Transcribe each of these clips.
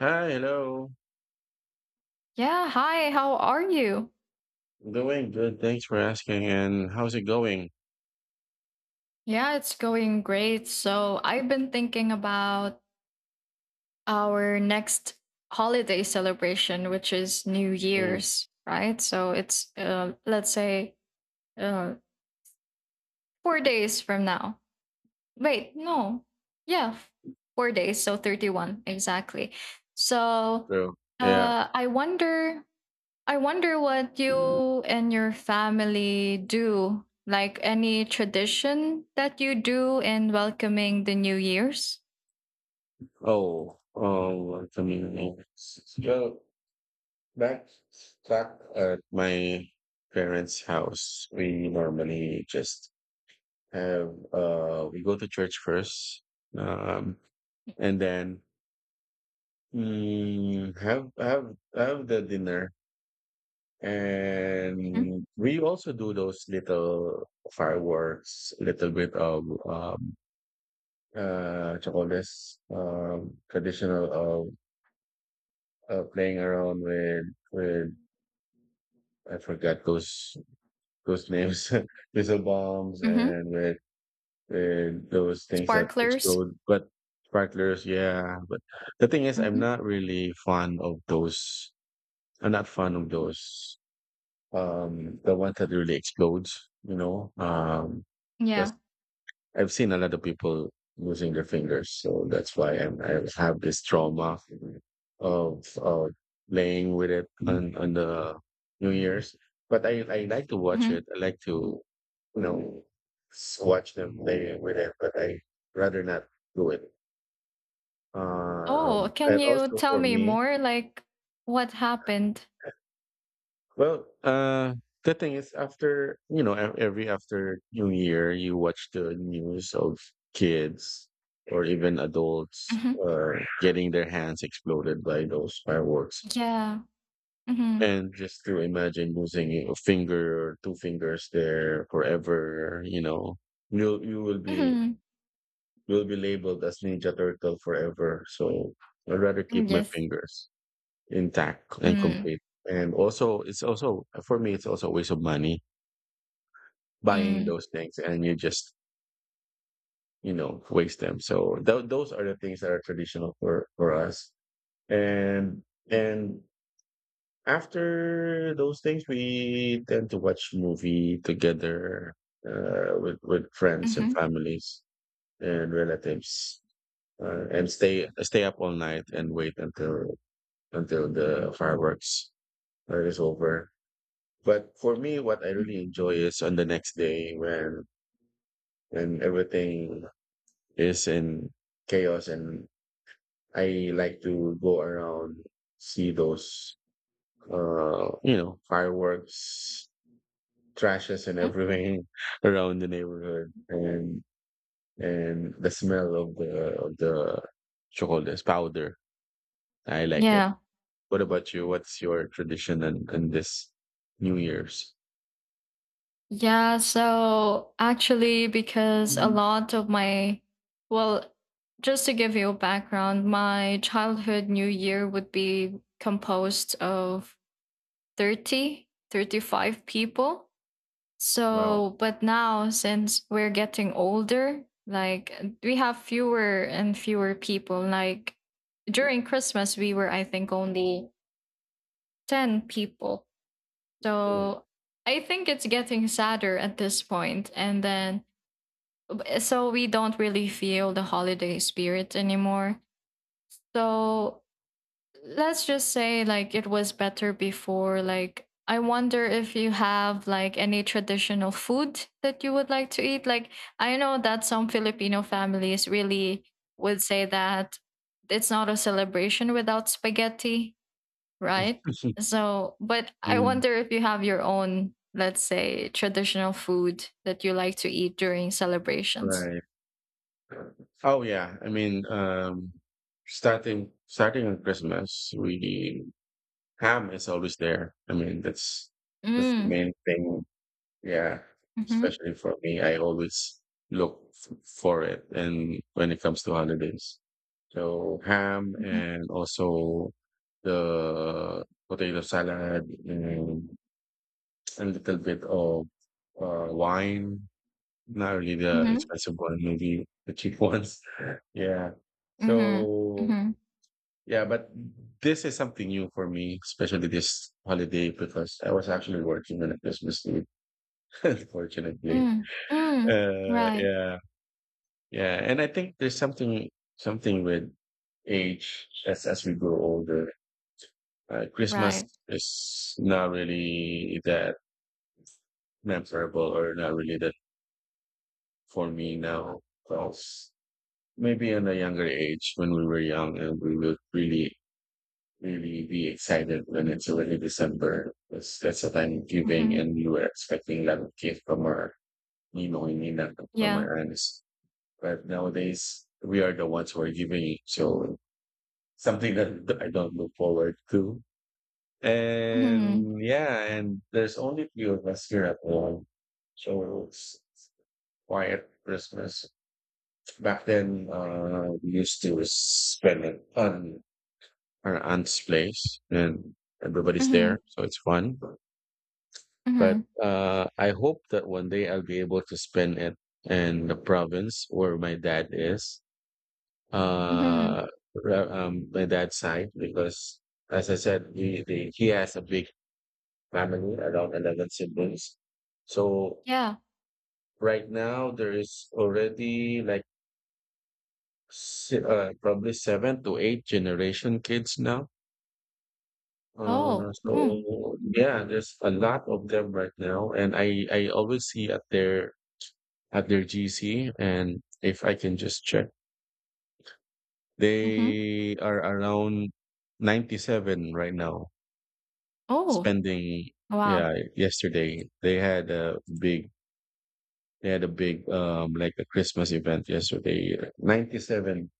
Hi, hello. Yeah, hi, how are you? Doing good. Thanks for asking. And how's it going? Yeah, it's going great. So, I've been thinking about our next holiday celebration, which is New Mm, Year's, right? So, it's let's say uh, 4 days from now. Wait, no. Yeah, 4 days. So, 31, exactly. So, so, yeah. uh, I wonder I wonder what you and your family do, like any tradition that you do in welcoming the New Year's? Oh, I mean, so back back at my parents' house, we normally just have we go to church first, um, and then have the dinner, Mhm. and we also do those little fireworks, little bit of Chocoles, traditional of playing around with with I forgot those names missile bombs Mhm. and with those things that Sparklers. explode but sparklers, yeah, but the thing is I'm Mhm. not really fond of those. I'm not fond of those, um, the one that really explodes, you know, um, Yeah. I've seen a lot of people losing their fingers, so that's why I have this trauma of playing with it on the New Year's. But I like to watch Mhm. it. I like to, you know, watch them play with it, but I rather not do it. Oh, can And you also tell for me me, more? Like what happened? well, the thing is, after every after New Year, you watch the news of kids or even adults Mhm. Getting their hands exploded by those fireworks, Yeah. Mhm. and just to imagine losing a finger or two fingers there forever, you know, you will be Mhm. you'll be labeled as Ninja Turtle forever. So I'd rather keep my Yes. fingers intact and Mm. complete. And also, it's also for me, it's also a waste of money buying Mm. those things and you just, you know, waste them. So those are the things that are traditional for us. And and after those things we tend to watch movie together, with friends and Mhm. families and relatives, and stay up all night and wait until the fireworks is over. But for me, what I really enjoy is on the next day when everything is in chaos, and I like to go around, see those, you know, fireworks trashes and Mhm. everything around the neighborhood, and the smell of the chocolates powder. I like it. Yeah. What about you? What's your tradition and in this New Year's? Yeah, so actually, because a Mm. lot of my, well, just to give you a background, my childhood New Year would be composed of 30, 35 people. Wow. So, but now since we're getting older, like we have fewer and fewer people. Like during Christmas, we were, I think, only 10 people. Cool. So I think it's getting sadder at this point. And then so we don't really feel the holiday spirit anymore. So let's just say like it was better before. Like I wonder if you have like any traditional food that you would like to eat. Like I know that some Filipino families really would say that it's not a celebration without spaghetti, right? So, but I Mm. wonder if you have your own, let's say, traditional food that you like to eat during celebrations. Right. Oh yeah, I mean, starting on Christmas, we ham is always there. I mean, that's the Mm. main thing. Yeah, Mhm, especially for me, I always look for it, and when it comes to holidays, so ham mhm, and also the potato salad and a little bit of wine, not really the mhm, expensive one, maybe the cheap ones. Yeah. mhm, So mhm, yeah, but this is something new for me, especially this holiday because I was actually working on a Christmas Eve, unfortunately. mm, mm, right, Yeah, yeah, and I think there's something with age as we grow older. Christmas right, is not really that memorable, or not really that for me now. So, maybe in a younger age when we were young, and we would really be excited when it's already December, because that's the time of giving mhm, and we were expecting that gift from our Nino and Nina, from yeah, our aunts. But nowadays we are the ones who are giving it. So something that I don't look forward to. mhm, And yeah, and there's only few of us here at home. So it's quiet Christmas. Back then, we used to spend it on our aunt's place and everybody's mhm, there, so it's fun. But mhm, I hope that one day I'll be able to spend it in the province where my dad is, mhm, uh, my dad's side, because as I said, he has a big family, around 11 siblings. So yeah, right now there is already like probably seven to eight generation kids now. Oh, mm, So yeah, there's a lot of them right now, and I always see at their GC, and if I can just check, mhm, they are around 97 right now. oh, Spending, wow, yeah, yesterday they had a big um, like a Christmas event yesterday, 97.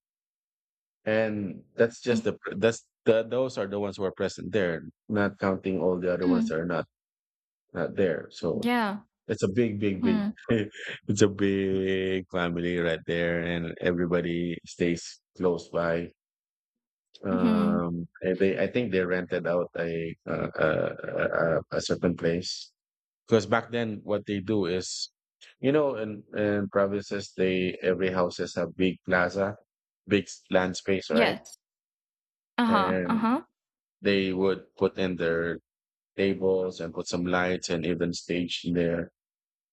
And that's just mm, the pr- that's the those are the ones who are present there, not counting all the other ones mm, that are not there. So yeah, it's a big, big, big mhm, it's a big family right there, and everybody stays close by. mhm, And they, I think they rented out a certain place, because back then what they do is, you know, in provinces they every houses have big plaza, big land space, right? yes, uh-huh, And uh-huh, they would put in their tables and put some lights and even stage in there.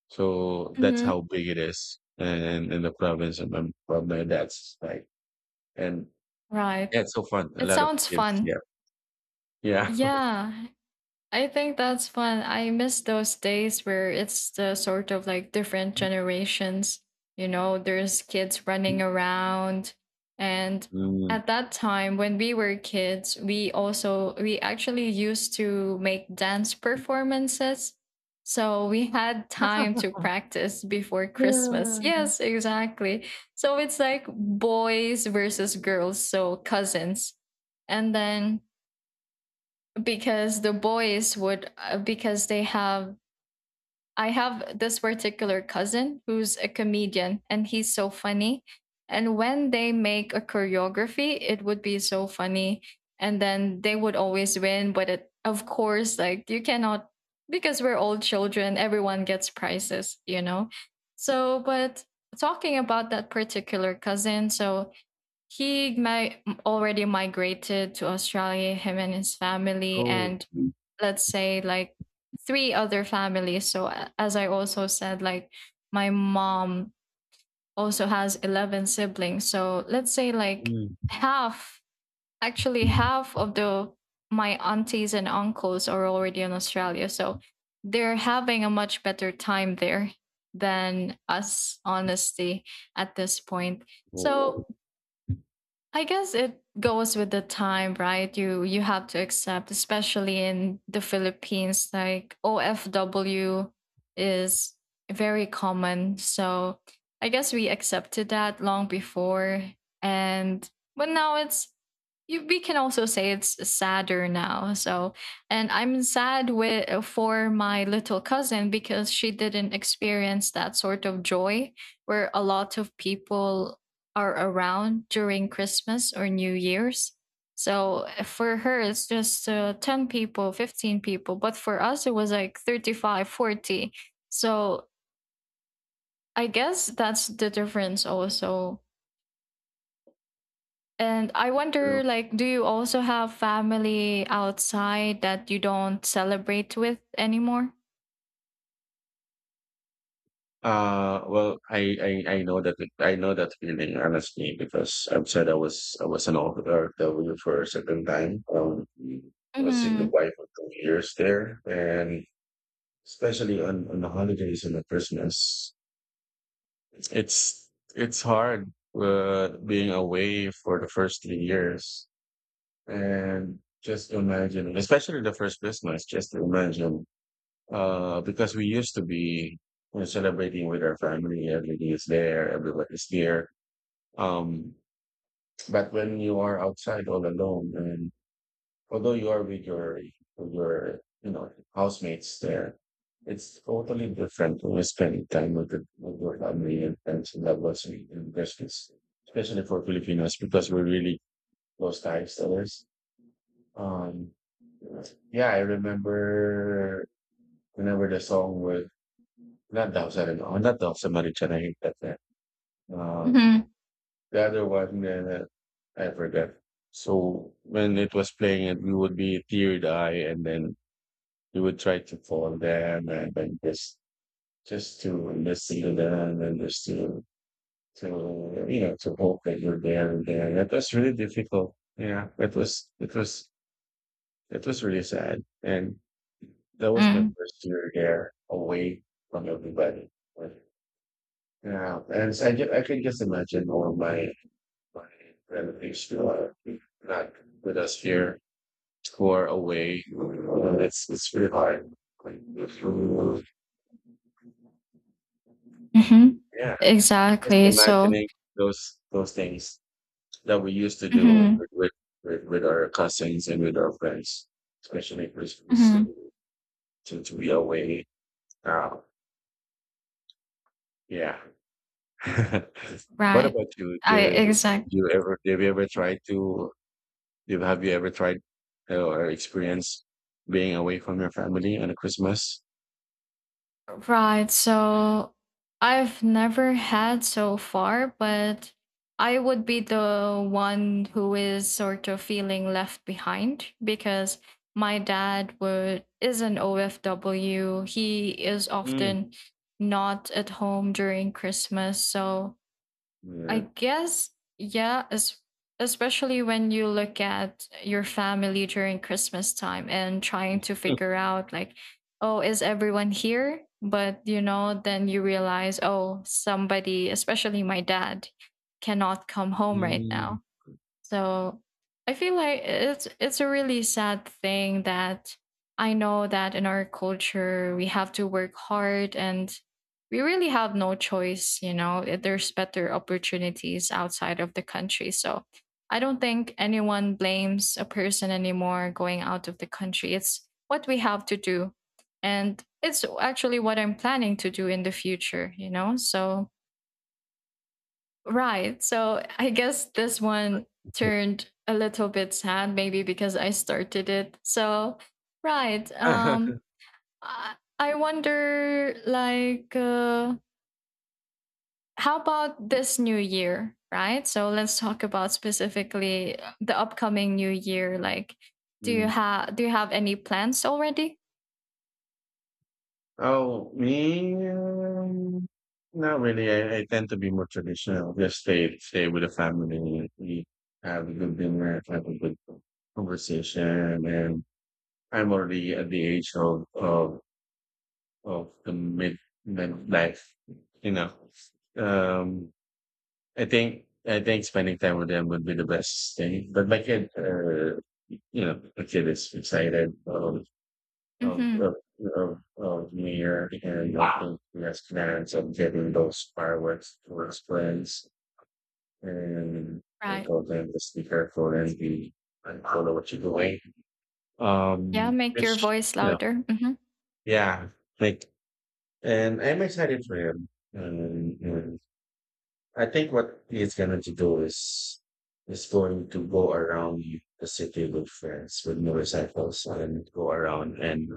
So that's mhm, how big it is, and in the province of my dad's side. And right. yeah, it's so fun. A It lot of sounds kids. fun. Yeah. Yeah. Yeah, I think that's fun. I miss those days where it's the sort of like different generations. You know, there's kids running around. And Mm. at that time, when we were kids, we actually used to make dance performances. So we had time to practice before Christmas. Yes, exactly. So it's like boys versus girls. So cousins. And then because the boys would because they have I have this particular cousin who's a comedian and he's so funny. And when they make a choreography, it would be so funny. And then they would always win. But it, of course, like you cannot, because we're all children, everyone gets prizes, you know? So, but talking about that particular cousin, so he already migrated to Australia, him and his family. Oh. And let's say like three other families. So as I also said, like, my mom also has 11 siblings. So let's say like Mm. half actually half of the my aunties and uncles are already in Australia, so they're having a much better time there than us, honestly, at this point. Oh. So I guess it goes with the time, right? You have to accept, especially in the Philippines, like OFW is very common. So I guess we accepted that long before. And but now it's, we can also say, it's sadder now. So and I'm sad with for my little cousin, because she didn't experience that sort of joy where a lot of people are around during Christmas or New Year's. So for her, it's just 10 people, 15 people. But for us, it was like 35, 40. So I guess that's the difference also. And I True. wonder, like, do you also have family outside that you don't celebrate with anymore? Well, I know that feeling, honestly, because I've said I was an officer W for a certain time. I was in the Mm-hmm. wife for 2 years there, and especially on the holidays and the Christmas, It's it's hard, being away for the first 3 years, and just imagine, especially the first Christmas, just imagine, because we used to be, you know, celebrating with our family. Everything is there. Everyone is here. Um, but when you are outside all alone and although you are with your you know housemates there, it's totally different when you spend time with with your family and friends and loved ones in Christmas, especially for Filipinos because we're really close to each others. Um, yeah, I remember whenever the song with not Dausa no, not Dausa Marichan, I hate that name. Uh, Mm-hmm. the other one, I forgot. So when it was playing, it we would be teared eye, and then you would try to call them and then just to listen to them and just to you know to hope that you're there and there. That was really difficult. Yeah, it was it was really sad, and that was my first year there away from everybody. But yeah, and so I can just imagine all my my relatives who are not with us here, who are away. It's really hard. Like, Mm-hmm. yeah. Just Exactly. So, imagining those things that we used to do mm-hmm. With our cousins and with our friends, especially Christmas, Mm-hmm. To be away. Um, yeah. What Right. about you? I Do exactly. you ever have you ever tried to have you ever tried, or experienced being away from your family on a Christmas? Right. So I've never had so far, but I would be the one who is sort of feeling left behind, because my dad would is an OFW. He is Mm. often not at home during Christmas. So I Yeah. guess, yeah, especially when you look at your family during Christmas time and trying to figure out, like, oh, is everyone here? But, you know, then you realize, oh, somebody, especially my dad, cannot come home right Mm. now. So I feel like it's a really sad thing, that I know that in our culture we have to work hard and we really have no choice, you know. There's better opportunities outside of the country. So I don't think anyone blames a person anymore going out of the country. It's what we have to do. And it's actually what I'm planning to do in the future, you know. So right. So I guess this one turned a little bit sad, maybe because I started it. So, right. I wonder, like, how about this new year? Right. So let's talk about specifically the upcoming new year. Like, do you have do you have any plans already? Oh, me, not really. I tend to be more traditional. Just stay with the family. We have a good dinner, have a good conversation, and I'm already at the age of the midlife. You know, um, I think spending time with them would be the best thing. But my kid, you know, the kid is excited. Of Mm-hmm. of of of New Year, and I think there's plans of getting those fireworks to his friends, and I Right. told them to be careful and be and follow what you're doing. Yeah. Um, Make your which, voice you know, louder. Mm-hmm. yeah, like, and I'm excited for him. And I think what he's going to do is going to go around the city with friends with motorcycles and go around and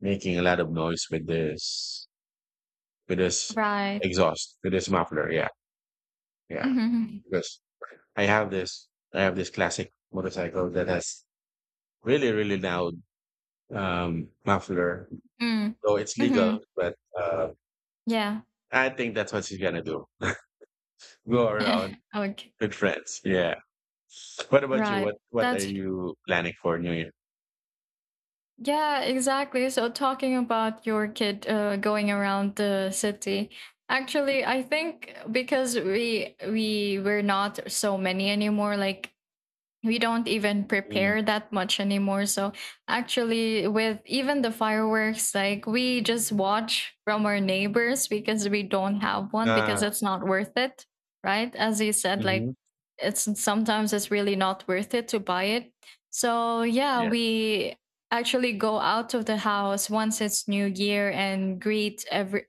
making a lot of noise with this with this Right. exhaust, with this muffler. Yeah, yeah. Mm-hmm. Because I have this classic motorcycle that has really, really loud, muffler. Mm-hmm. So it's legal, Mm-hmm. but Yeah. I think that's what she's gonna do. Go around Okay. with friends. Yeah. What about you? Right. What are That's you planning for New Year? yeah, exactly. So talking about your kid going around the city. Actually, I think because we were not so many anymore, like we don't even Mm. prepare that much anymore. So actually, with even the fireworks, like we just watch from our neighbors, because we don't have one, because Ah, it's not worth it, right? As you said, mm-hmm. like it's sometimes it's really not worth it to buy it. So yeah, Yeah, we actually go out of the house once it's new year and greet every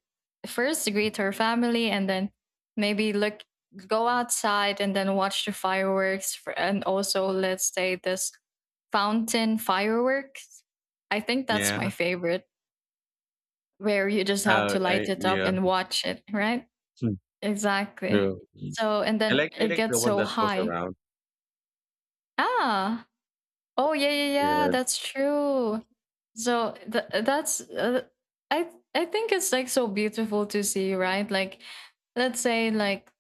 first, greet our family, and then maybe look go outside and then watch the fireworks. For, and also let's say this fountain fireworks, I think that's my yeah. favorite, where you just have to I, light it up yeah. and watch it, right? Hmm, Exactly. true. Mm. So, and then I it like the gets one so that goes high. around. Ah. Oh, yeah, yeah, yeah, Yeah. that's true. So that's i I think it's like so beautiful to see, right? Like let's say, like,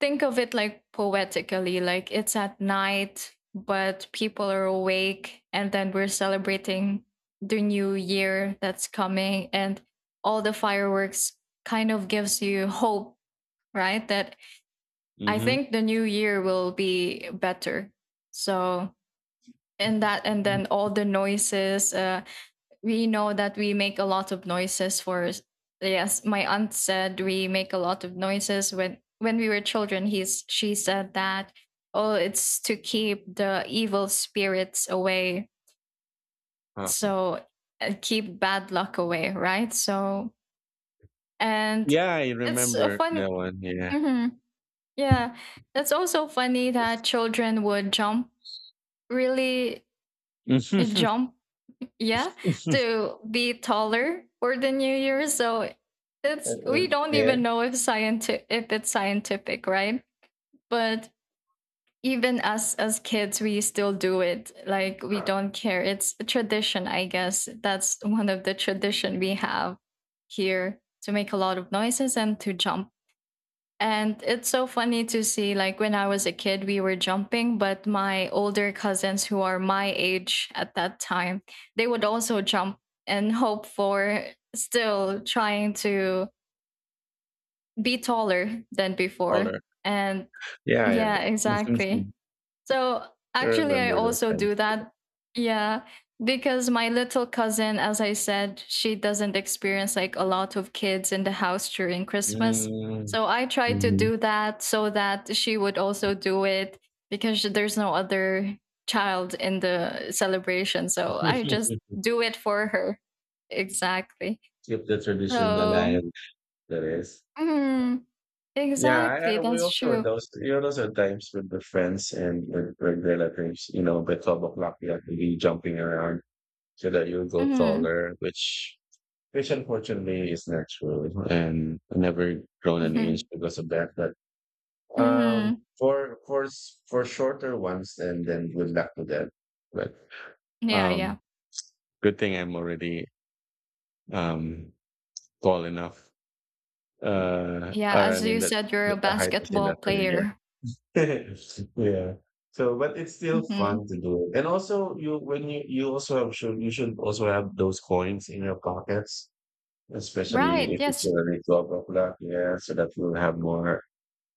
think of it like poetically, like it's at night but people are awake and then we're celebrating the new year that's coming, and all the fireworks kind of gives you hope, right, that I think the new year will be better. So, and Mm-hmm. then all the noises, we know that we make a lot of noises for. Yes, my aunt said we make a lot of noises when, we were children, he's she said that, oh, it's to keep the evil spirits away. So keep bad luck away, right? So, and Yeah, I it's a remember fun. that one. Yeah. Mhm. Yeah, it's also funny that children would jump, really jump, yeah, to be taller for the new year, so. It's We don't yeah. even know if scientific if it's scientific, right? But even us as kids, we still do it. Like, we don't care. It's a tradition, I guess. That's one of the tradition we have here: to make a lot of noises and to jump. And it's so funny to see, like, when I was a kid, we were jumping, but my older cousins who are my age at that time, they would also jump and hope for still trying to be taller than before. Color. And Yeah. yeah, I, exactly. So I actually, I remember those also times. do that. Yeah, because my little cousin, as I said, she doesn't experience like a lot of kids in the house during Christmas. Mm, So I try to mhm. do that so that she would also do it, because there's no other child in the celebration. So I just do it for her. Exactly. Keep the tradition So, alive. That is. mhm, Yeah, exactly. We That's also had true. those. You know, those are times with the friends with relatives. You know, by 12 o'clock you have to be jumping around so that you go Mhm, taller, which unfortunately is natural, and I never grown an inch mhm, because of that. But um, mhm. for for shorter ones, and then good luck to them. But Yeah, yeah. um, good thing I'm already, um, tall enough. Yeah, Or I as mean you that's said, you're a that the height is basketball enough already here. player. Yeah. So, but it's still fun Mhm. to do it. And also, you, when you also have should you should also have those coins in your pockets, especially Right, if it's yes. already 12 o'clock. Yeah, so that you'll have more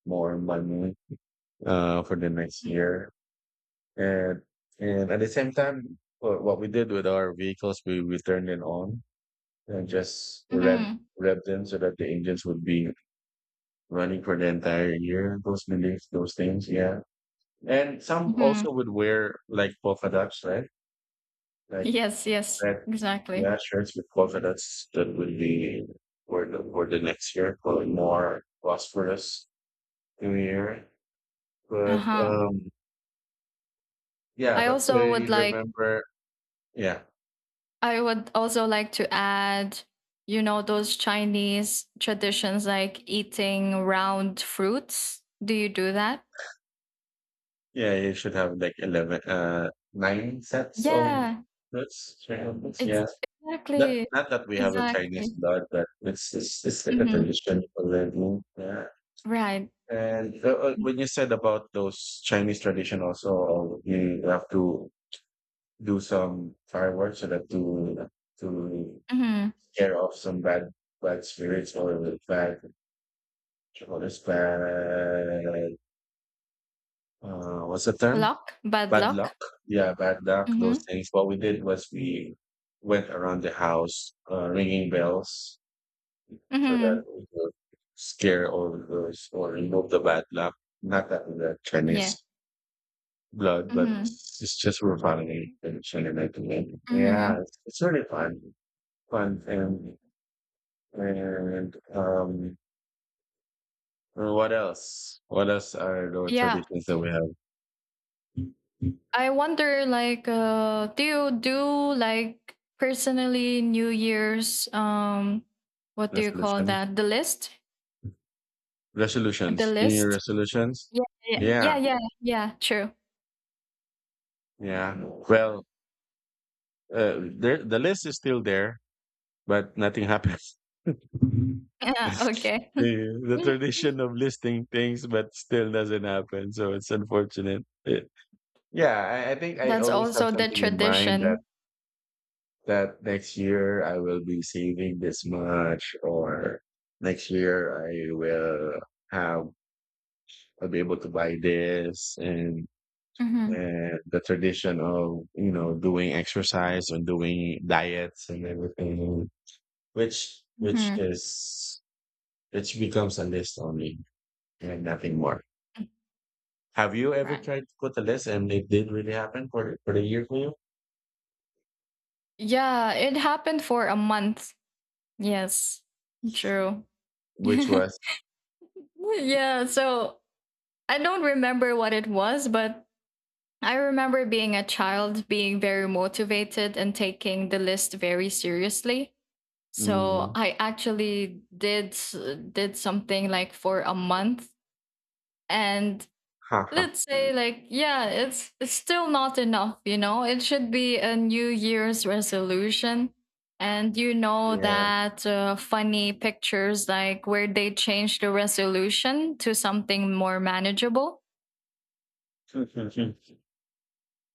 more money for the next year And and at the same time, what we did with our vehicles, we turned it on and just rev Mhm. rev them so that the engines would be running for the entire year. Those beliefs, those things, yeah. And some also Mhm. would wear like polka dots, right? Like Yes, yes. red, Exactly. yeah, shirts with polka dots that would be for the next year for more prosperous new year. But Uh-huh. Yeah, I but I also would like remember, yeah. I would also like to add, you know, those Chinese traditions like eating round fruits. Do you do that? Yeah, you should have like 11, nine sets of Yeah, roots. Yes. ex- Yeah. That, exactly. not that we have the Chinese Exactly. blood, but it's like a Hmm. tradition already. Yeah. Right. And when you said about those Chinese tradition also, you have to do some fireworks so that to Hmm. scare off some bad, bad spirits or bad, or this bad, what's the term? Luck, bad Bad luck. luck. Yeah, bad luck, those Hmm. things. What we did was we went around the house ringing bells so Hmm. that we could scare all of those or remove the bad luck. Not that we got Yeah. Chinese blood, but Mhm, it's just we're following the Chinese thing. Yeah, mhm. it's really fun. Fun and and what else? What else are the Yeah, traditions that we have? I wonder, like, do you do, like, personally New Year's? What do you call Resolution. that? The list? The Resolutions. New Year list? resolutions. Yeah, yeah, yeah, Yeah. yeah, yeah. True. Yeah. Well, the list is still there, but nothing happens. Yeah. Okay. Yeah, the tradition of listing things, but still doesn't happen. So it's unfortunate. Eh, yeah, I think I That's always have also the something in mind that tradition. that next year I will be saving this much, or next year I will have I'll be able to buy this, and Hmm. The tradition of doing exercise and doing diets and everything, which which Hmm. is which becomes a list only and nothing more. Have you ever Right. tried to put a list and it did really happen for the year for you, Yeah, it happened for a month. Yes. True. which was? Yeah. So I don't remember what it was, but I remember being a child being very motivated and taking the list very seriously. So Mm, I actually did something like for a month. And haha, let's say like, yeah, it's still not enough, you know. It should be a new year's resolution. And you know yeah. that, funny pictures like where they change the resolution to something more manageable.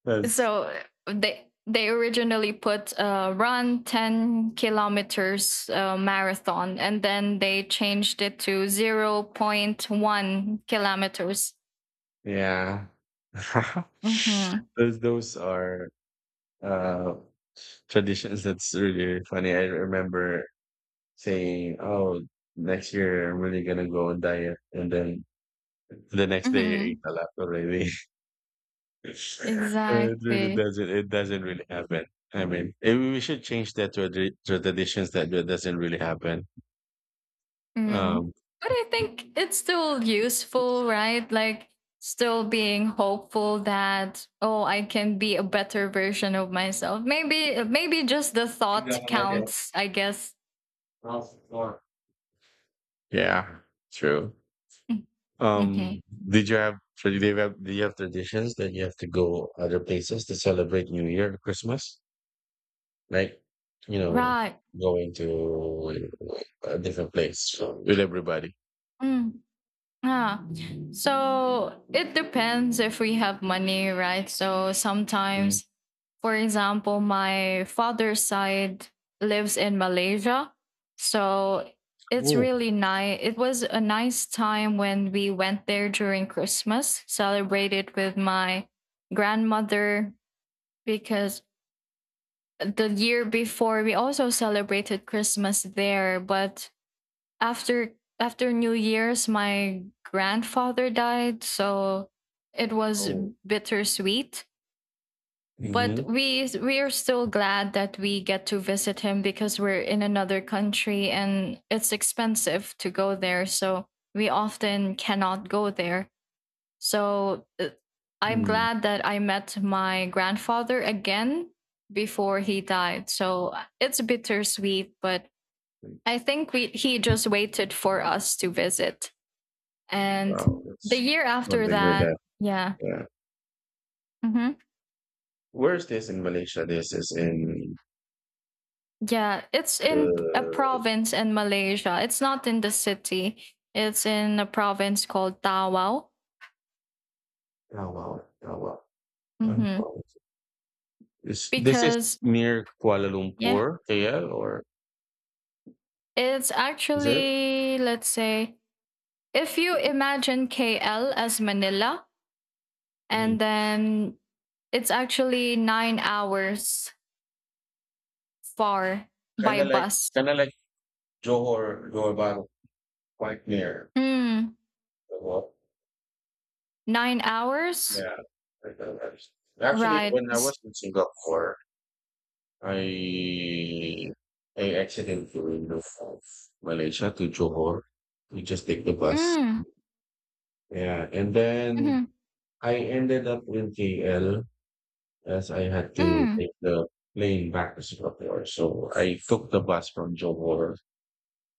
That's, So they originally put, run 10 kilometers, marathon, and then they changed it to 0. 0.1 kilometers. yeah. Hmm. Those are uh traditions that's really funny. I remember saying, "Oh, next year I'm really gonna go on diet," and then the next day you ate Hmm. a lot already. It really Exactly. doesn't. It doesn't really happen. I mean, we should change that to to traditions that doesn't really happen. Mm. Um, But I think it's still useful, right? Like, still being hopeful that, oh, I can be a better version of myself. Maybe just the thought counts, I guess. yeah, true. Mm-hmm. Um, did you have? Tra- Do you have, traditions that you have to go other places to celebrate New Year or Christmas? Like you know Right. going to a different place with everybody. Mm. Yeah. So it depends if we have money, right? So Mm. sometimes, for example, my father's side lives in Malaysia. So it's Oh, really nice. It was a nice time when we went there during Christmas, celebrated with my grandmother, because the year before we also celebrated Christmas there. But after, New Year's, my grandfather died, so it was oh, bittersweet. But mm-hmm. we are still glad that we get to visit him, because we're in another country and it's expensive to go there, so we often cannot go there. So I'm mm glad that I met my grandfather again before he died. So it's bittersweet, but I think we he just waited for us to visit. And Wow, the that's year after something weird. that, That yeah. Yeah. Hmm. Where's this in Malaysia? This is in Yeah, it's in a the province in Malaysia. It's not in the city. It's in a province called Tawau. Tawau. Tawau. Hmm. Tawau. This is Because, near Kuala yeah, Lumpur, KL, or it's is it? actually, let's say, if you imagine KL as Manila, Mm. and then it's actually 9 hours far Kind by of like bus. Kind of like Johor, Johor Bahru, quite near. Mm. Tawau. 9 hours. Yeah, like the rest. Actually, Right. when I was in Singapore, I I accidentally moved from Malaysia to Johor to just take the bus. Mm. Yeah, and then Mhm. I ended up in KL as I had to Mm. take the plane back to Singapore. So I took the bus from Johor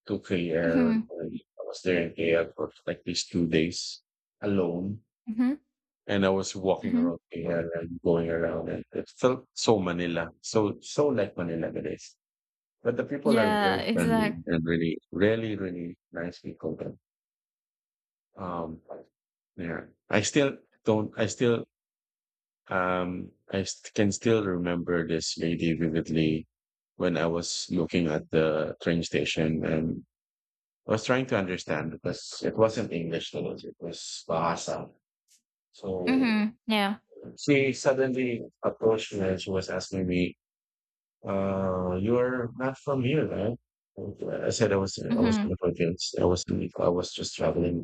to KL, and Mhm. I was there in KL for like these 2 days alone. Mhm. And I was walking Mhm. around here and going around, and it felt so Manila, so like Manila it is. But the people are Yeah, very friendly exact and really, really, really nice people there. Um, yeah, I still don't. I can still remember this lady vividly when I was looking at the train station, and I was trying to understand because it wasn't English to us, it was Bahasa. So Mhm. Yeah. she suddenly approached me and she was asking me, "You're not from here, right?" I said I was in Mhm. the Philippines. I was just traveling,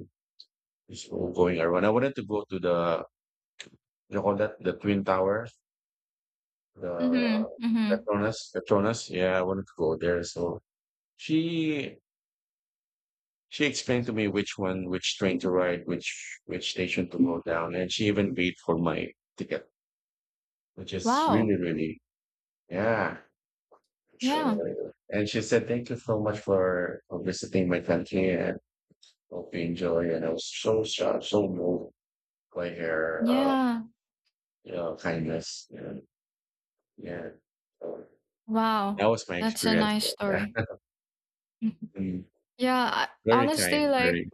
just going around. I wanted to go to the, you call that, the Twin Towers, the Mhm. Mhm. Petronas. Yeah, I wanted to go there. So she she explained to me which one, which train to ride, which station to go down, and she even paid for my ticket, which is Wow. really, really, yeah. Uh, Yeah. and she said, "Thank you so much for, visiting my country," and both being Joey and I was so shocked, so moved by her, Yeah. Kindness. And, yeah. So, Wow. that was my That's a experience. nice story. Yeah. Mhm. Mm, Yeah, very honestly, kind, like very.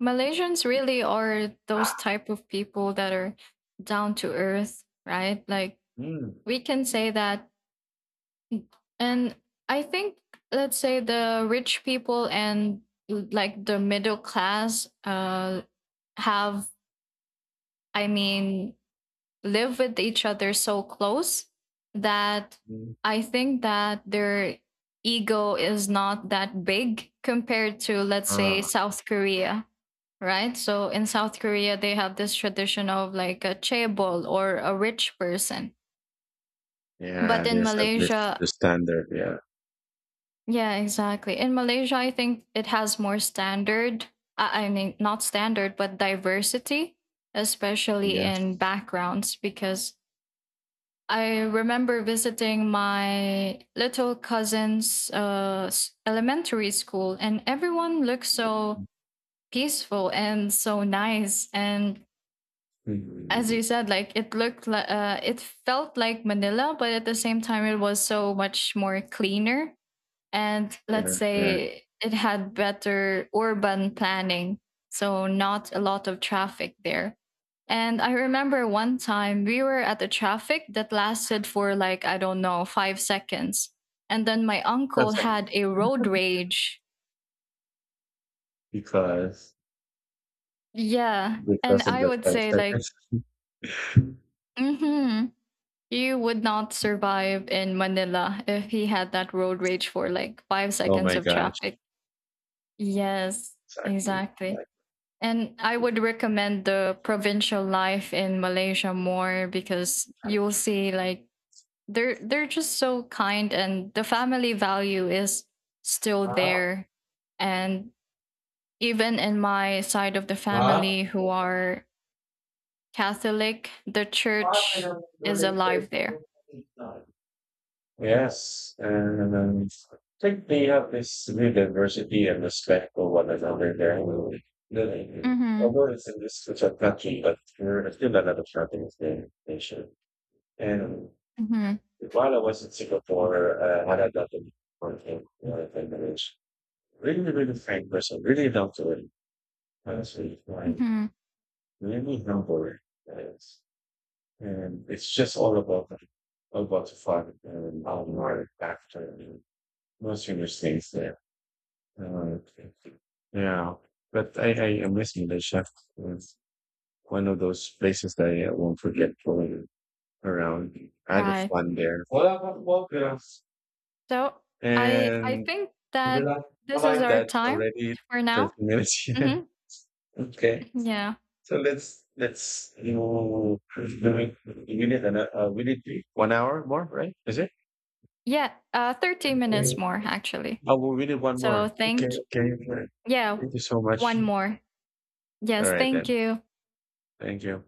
Malaysians really are those type of people that are down to earth, right? Like, Mm, we can say that. And I think, let's say the rich people and like the middle class have I mean, live with each other so close that mm. I think that their ego is not that big compared to, let's say, Ah, South Korea, right? So in South Korea, they have this tradition of like a chaebol or a rich person. But yeah, in there's a, this Malaysia, the standard. Yeah. yeah, exactly. In Malaysia, I think it has more standard. I mean, not standard, but diversity, especially in Yes. backgrounds, because I remember visiting my little cousin's, elementary school, and everyone looked so peaceful and so nice. And as Mhm. you said, like it felt like Manila, but at the same time, it was so much more cleaner, and Yeah. let's Yeah. say it had better urban planning, so not a lot of traffic there. And I remember one time we were at the traffic that lasted for like, I don't know, 5 seconds. And then my uncle That's had a road rage. because Yeah. And of I the would time say, like, standards. mm-hmm, you would not survive in Manila if he had that road rage for like five Oh seconds my of gosh. traffic. Yes, Exactly. exactly. Exactly. And I would recommend the provincial life in Malaysia more, because you'll see like they're just so kind, and the family value is still Ah, there. And even in my side of the ah, ah. family who are Catholic, the I church don't- is alive there. expect- Yes, and I think they have this real diversity and respect for one another there. Mhm. Although it's in this such a country, but we're still another part of the nation. And Mhm. while I was in Singapore, I had that in working with language. Really, really frank person, really down to it, honestly, fine, Mhm. really humble. And, it's just all about the fun and how we are after and most of things there. Uh, yeah, but I am missing the chef. It's one of those places that I won't forget going around. I had Right. fun there. Well, yeah. So I And think that I this is like our that time already for 30 now. minutes. Yeah. Mhm. Okay. Yeah. So let's, we need 1 hour more, right? Is it? Yeah, 30 minutes Okay. more actually. Oh, well, we need one So more. Okay. thank Okay. Okay. yeah, Thank you so much. one more. All Yes, right thank then. you. Thank you.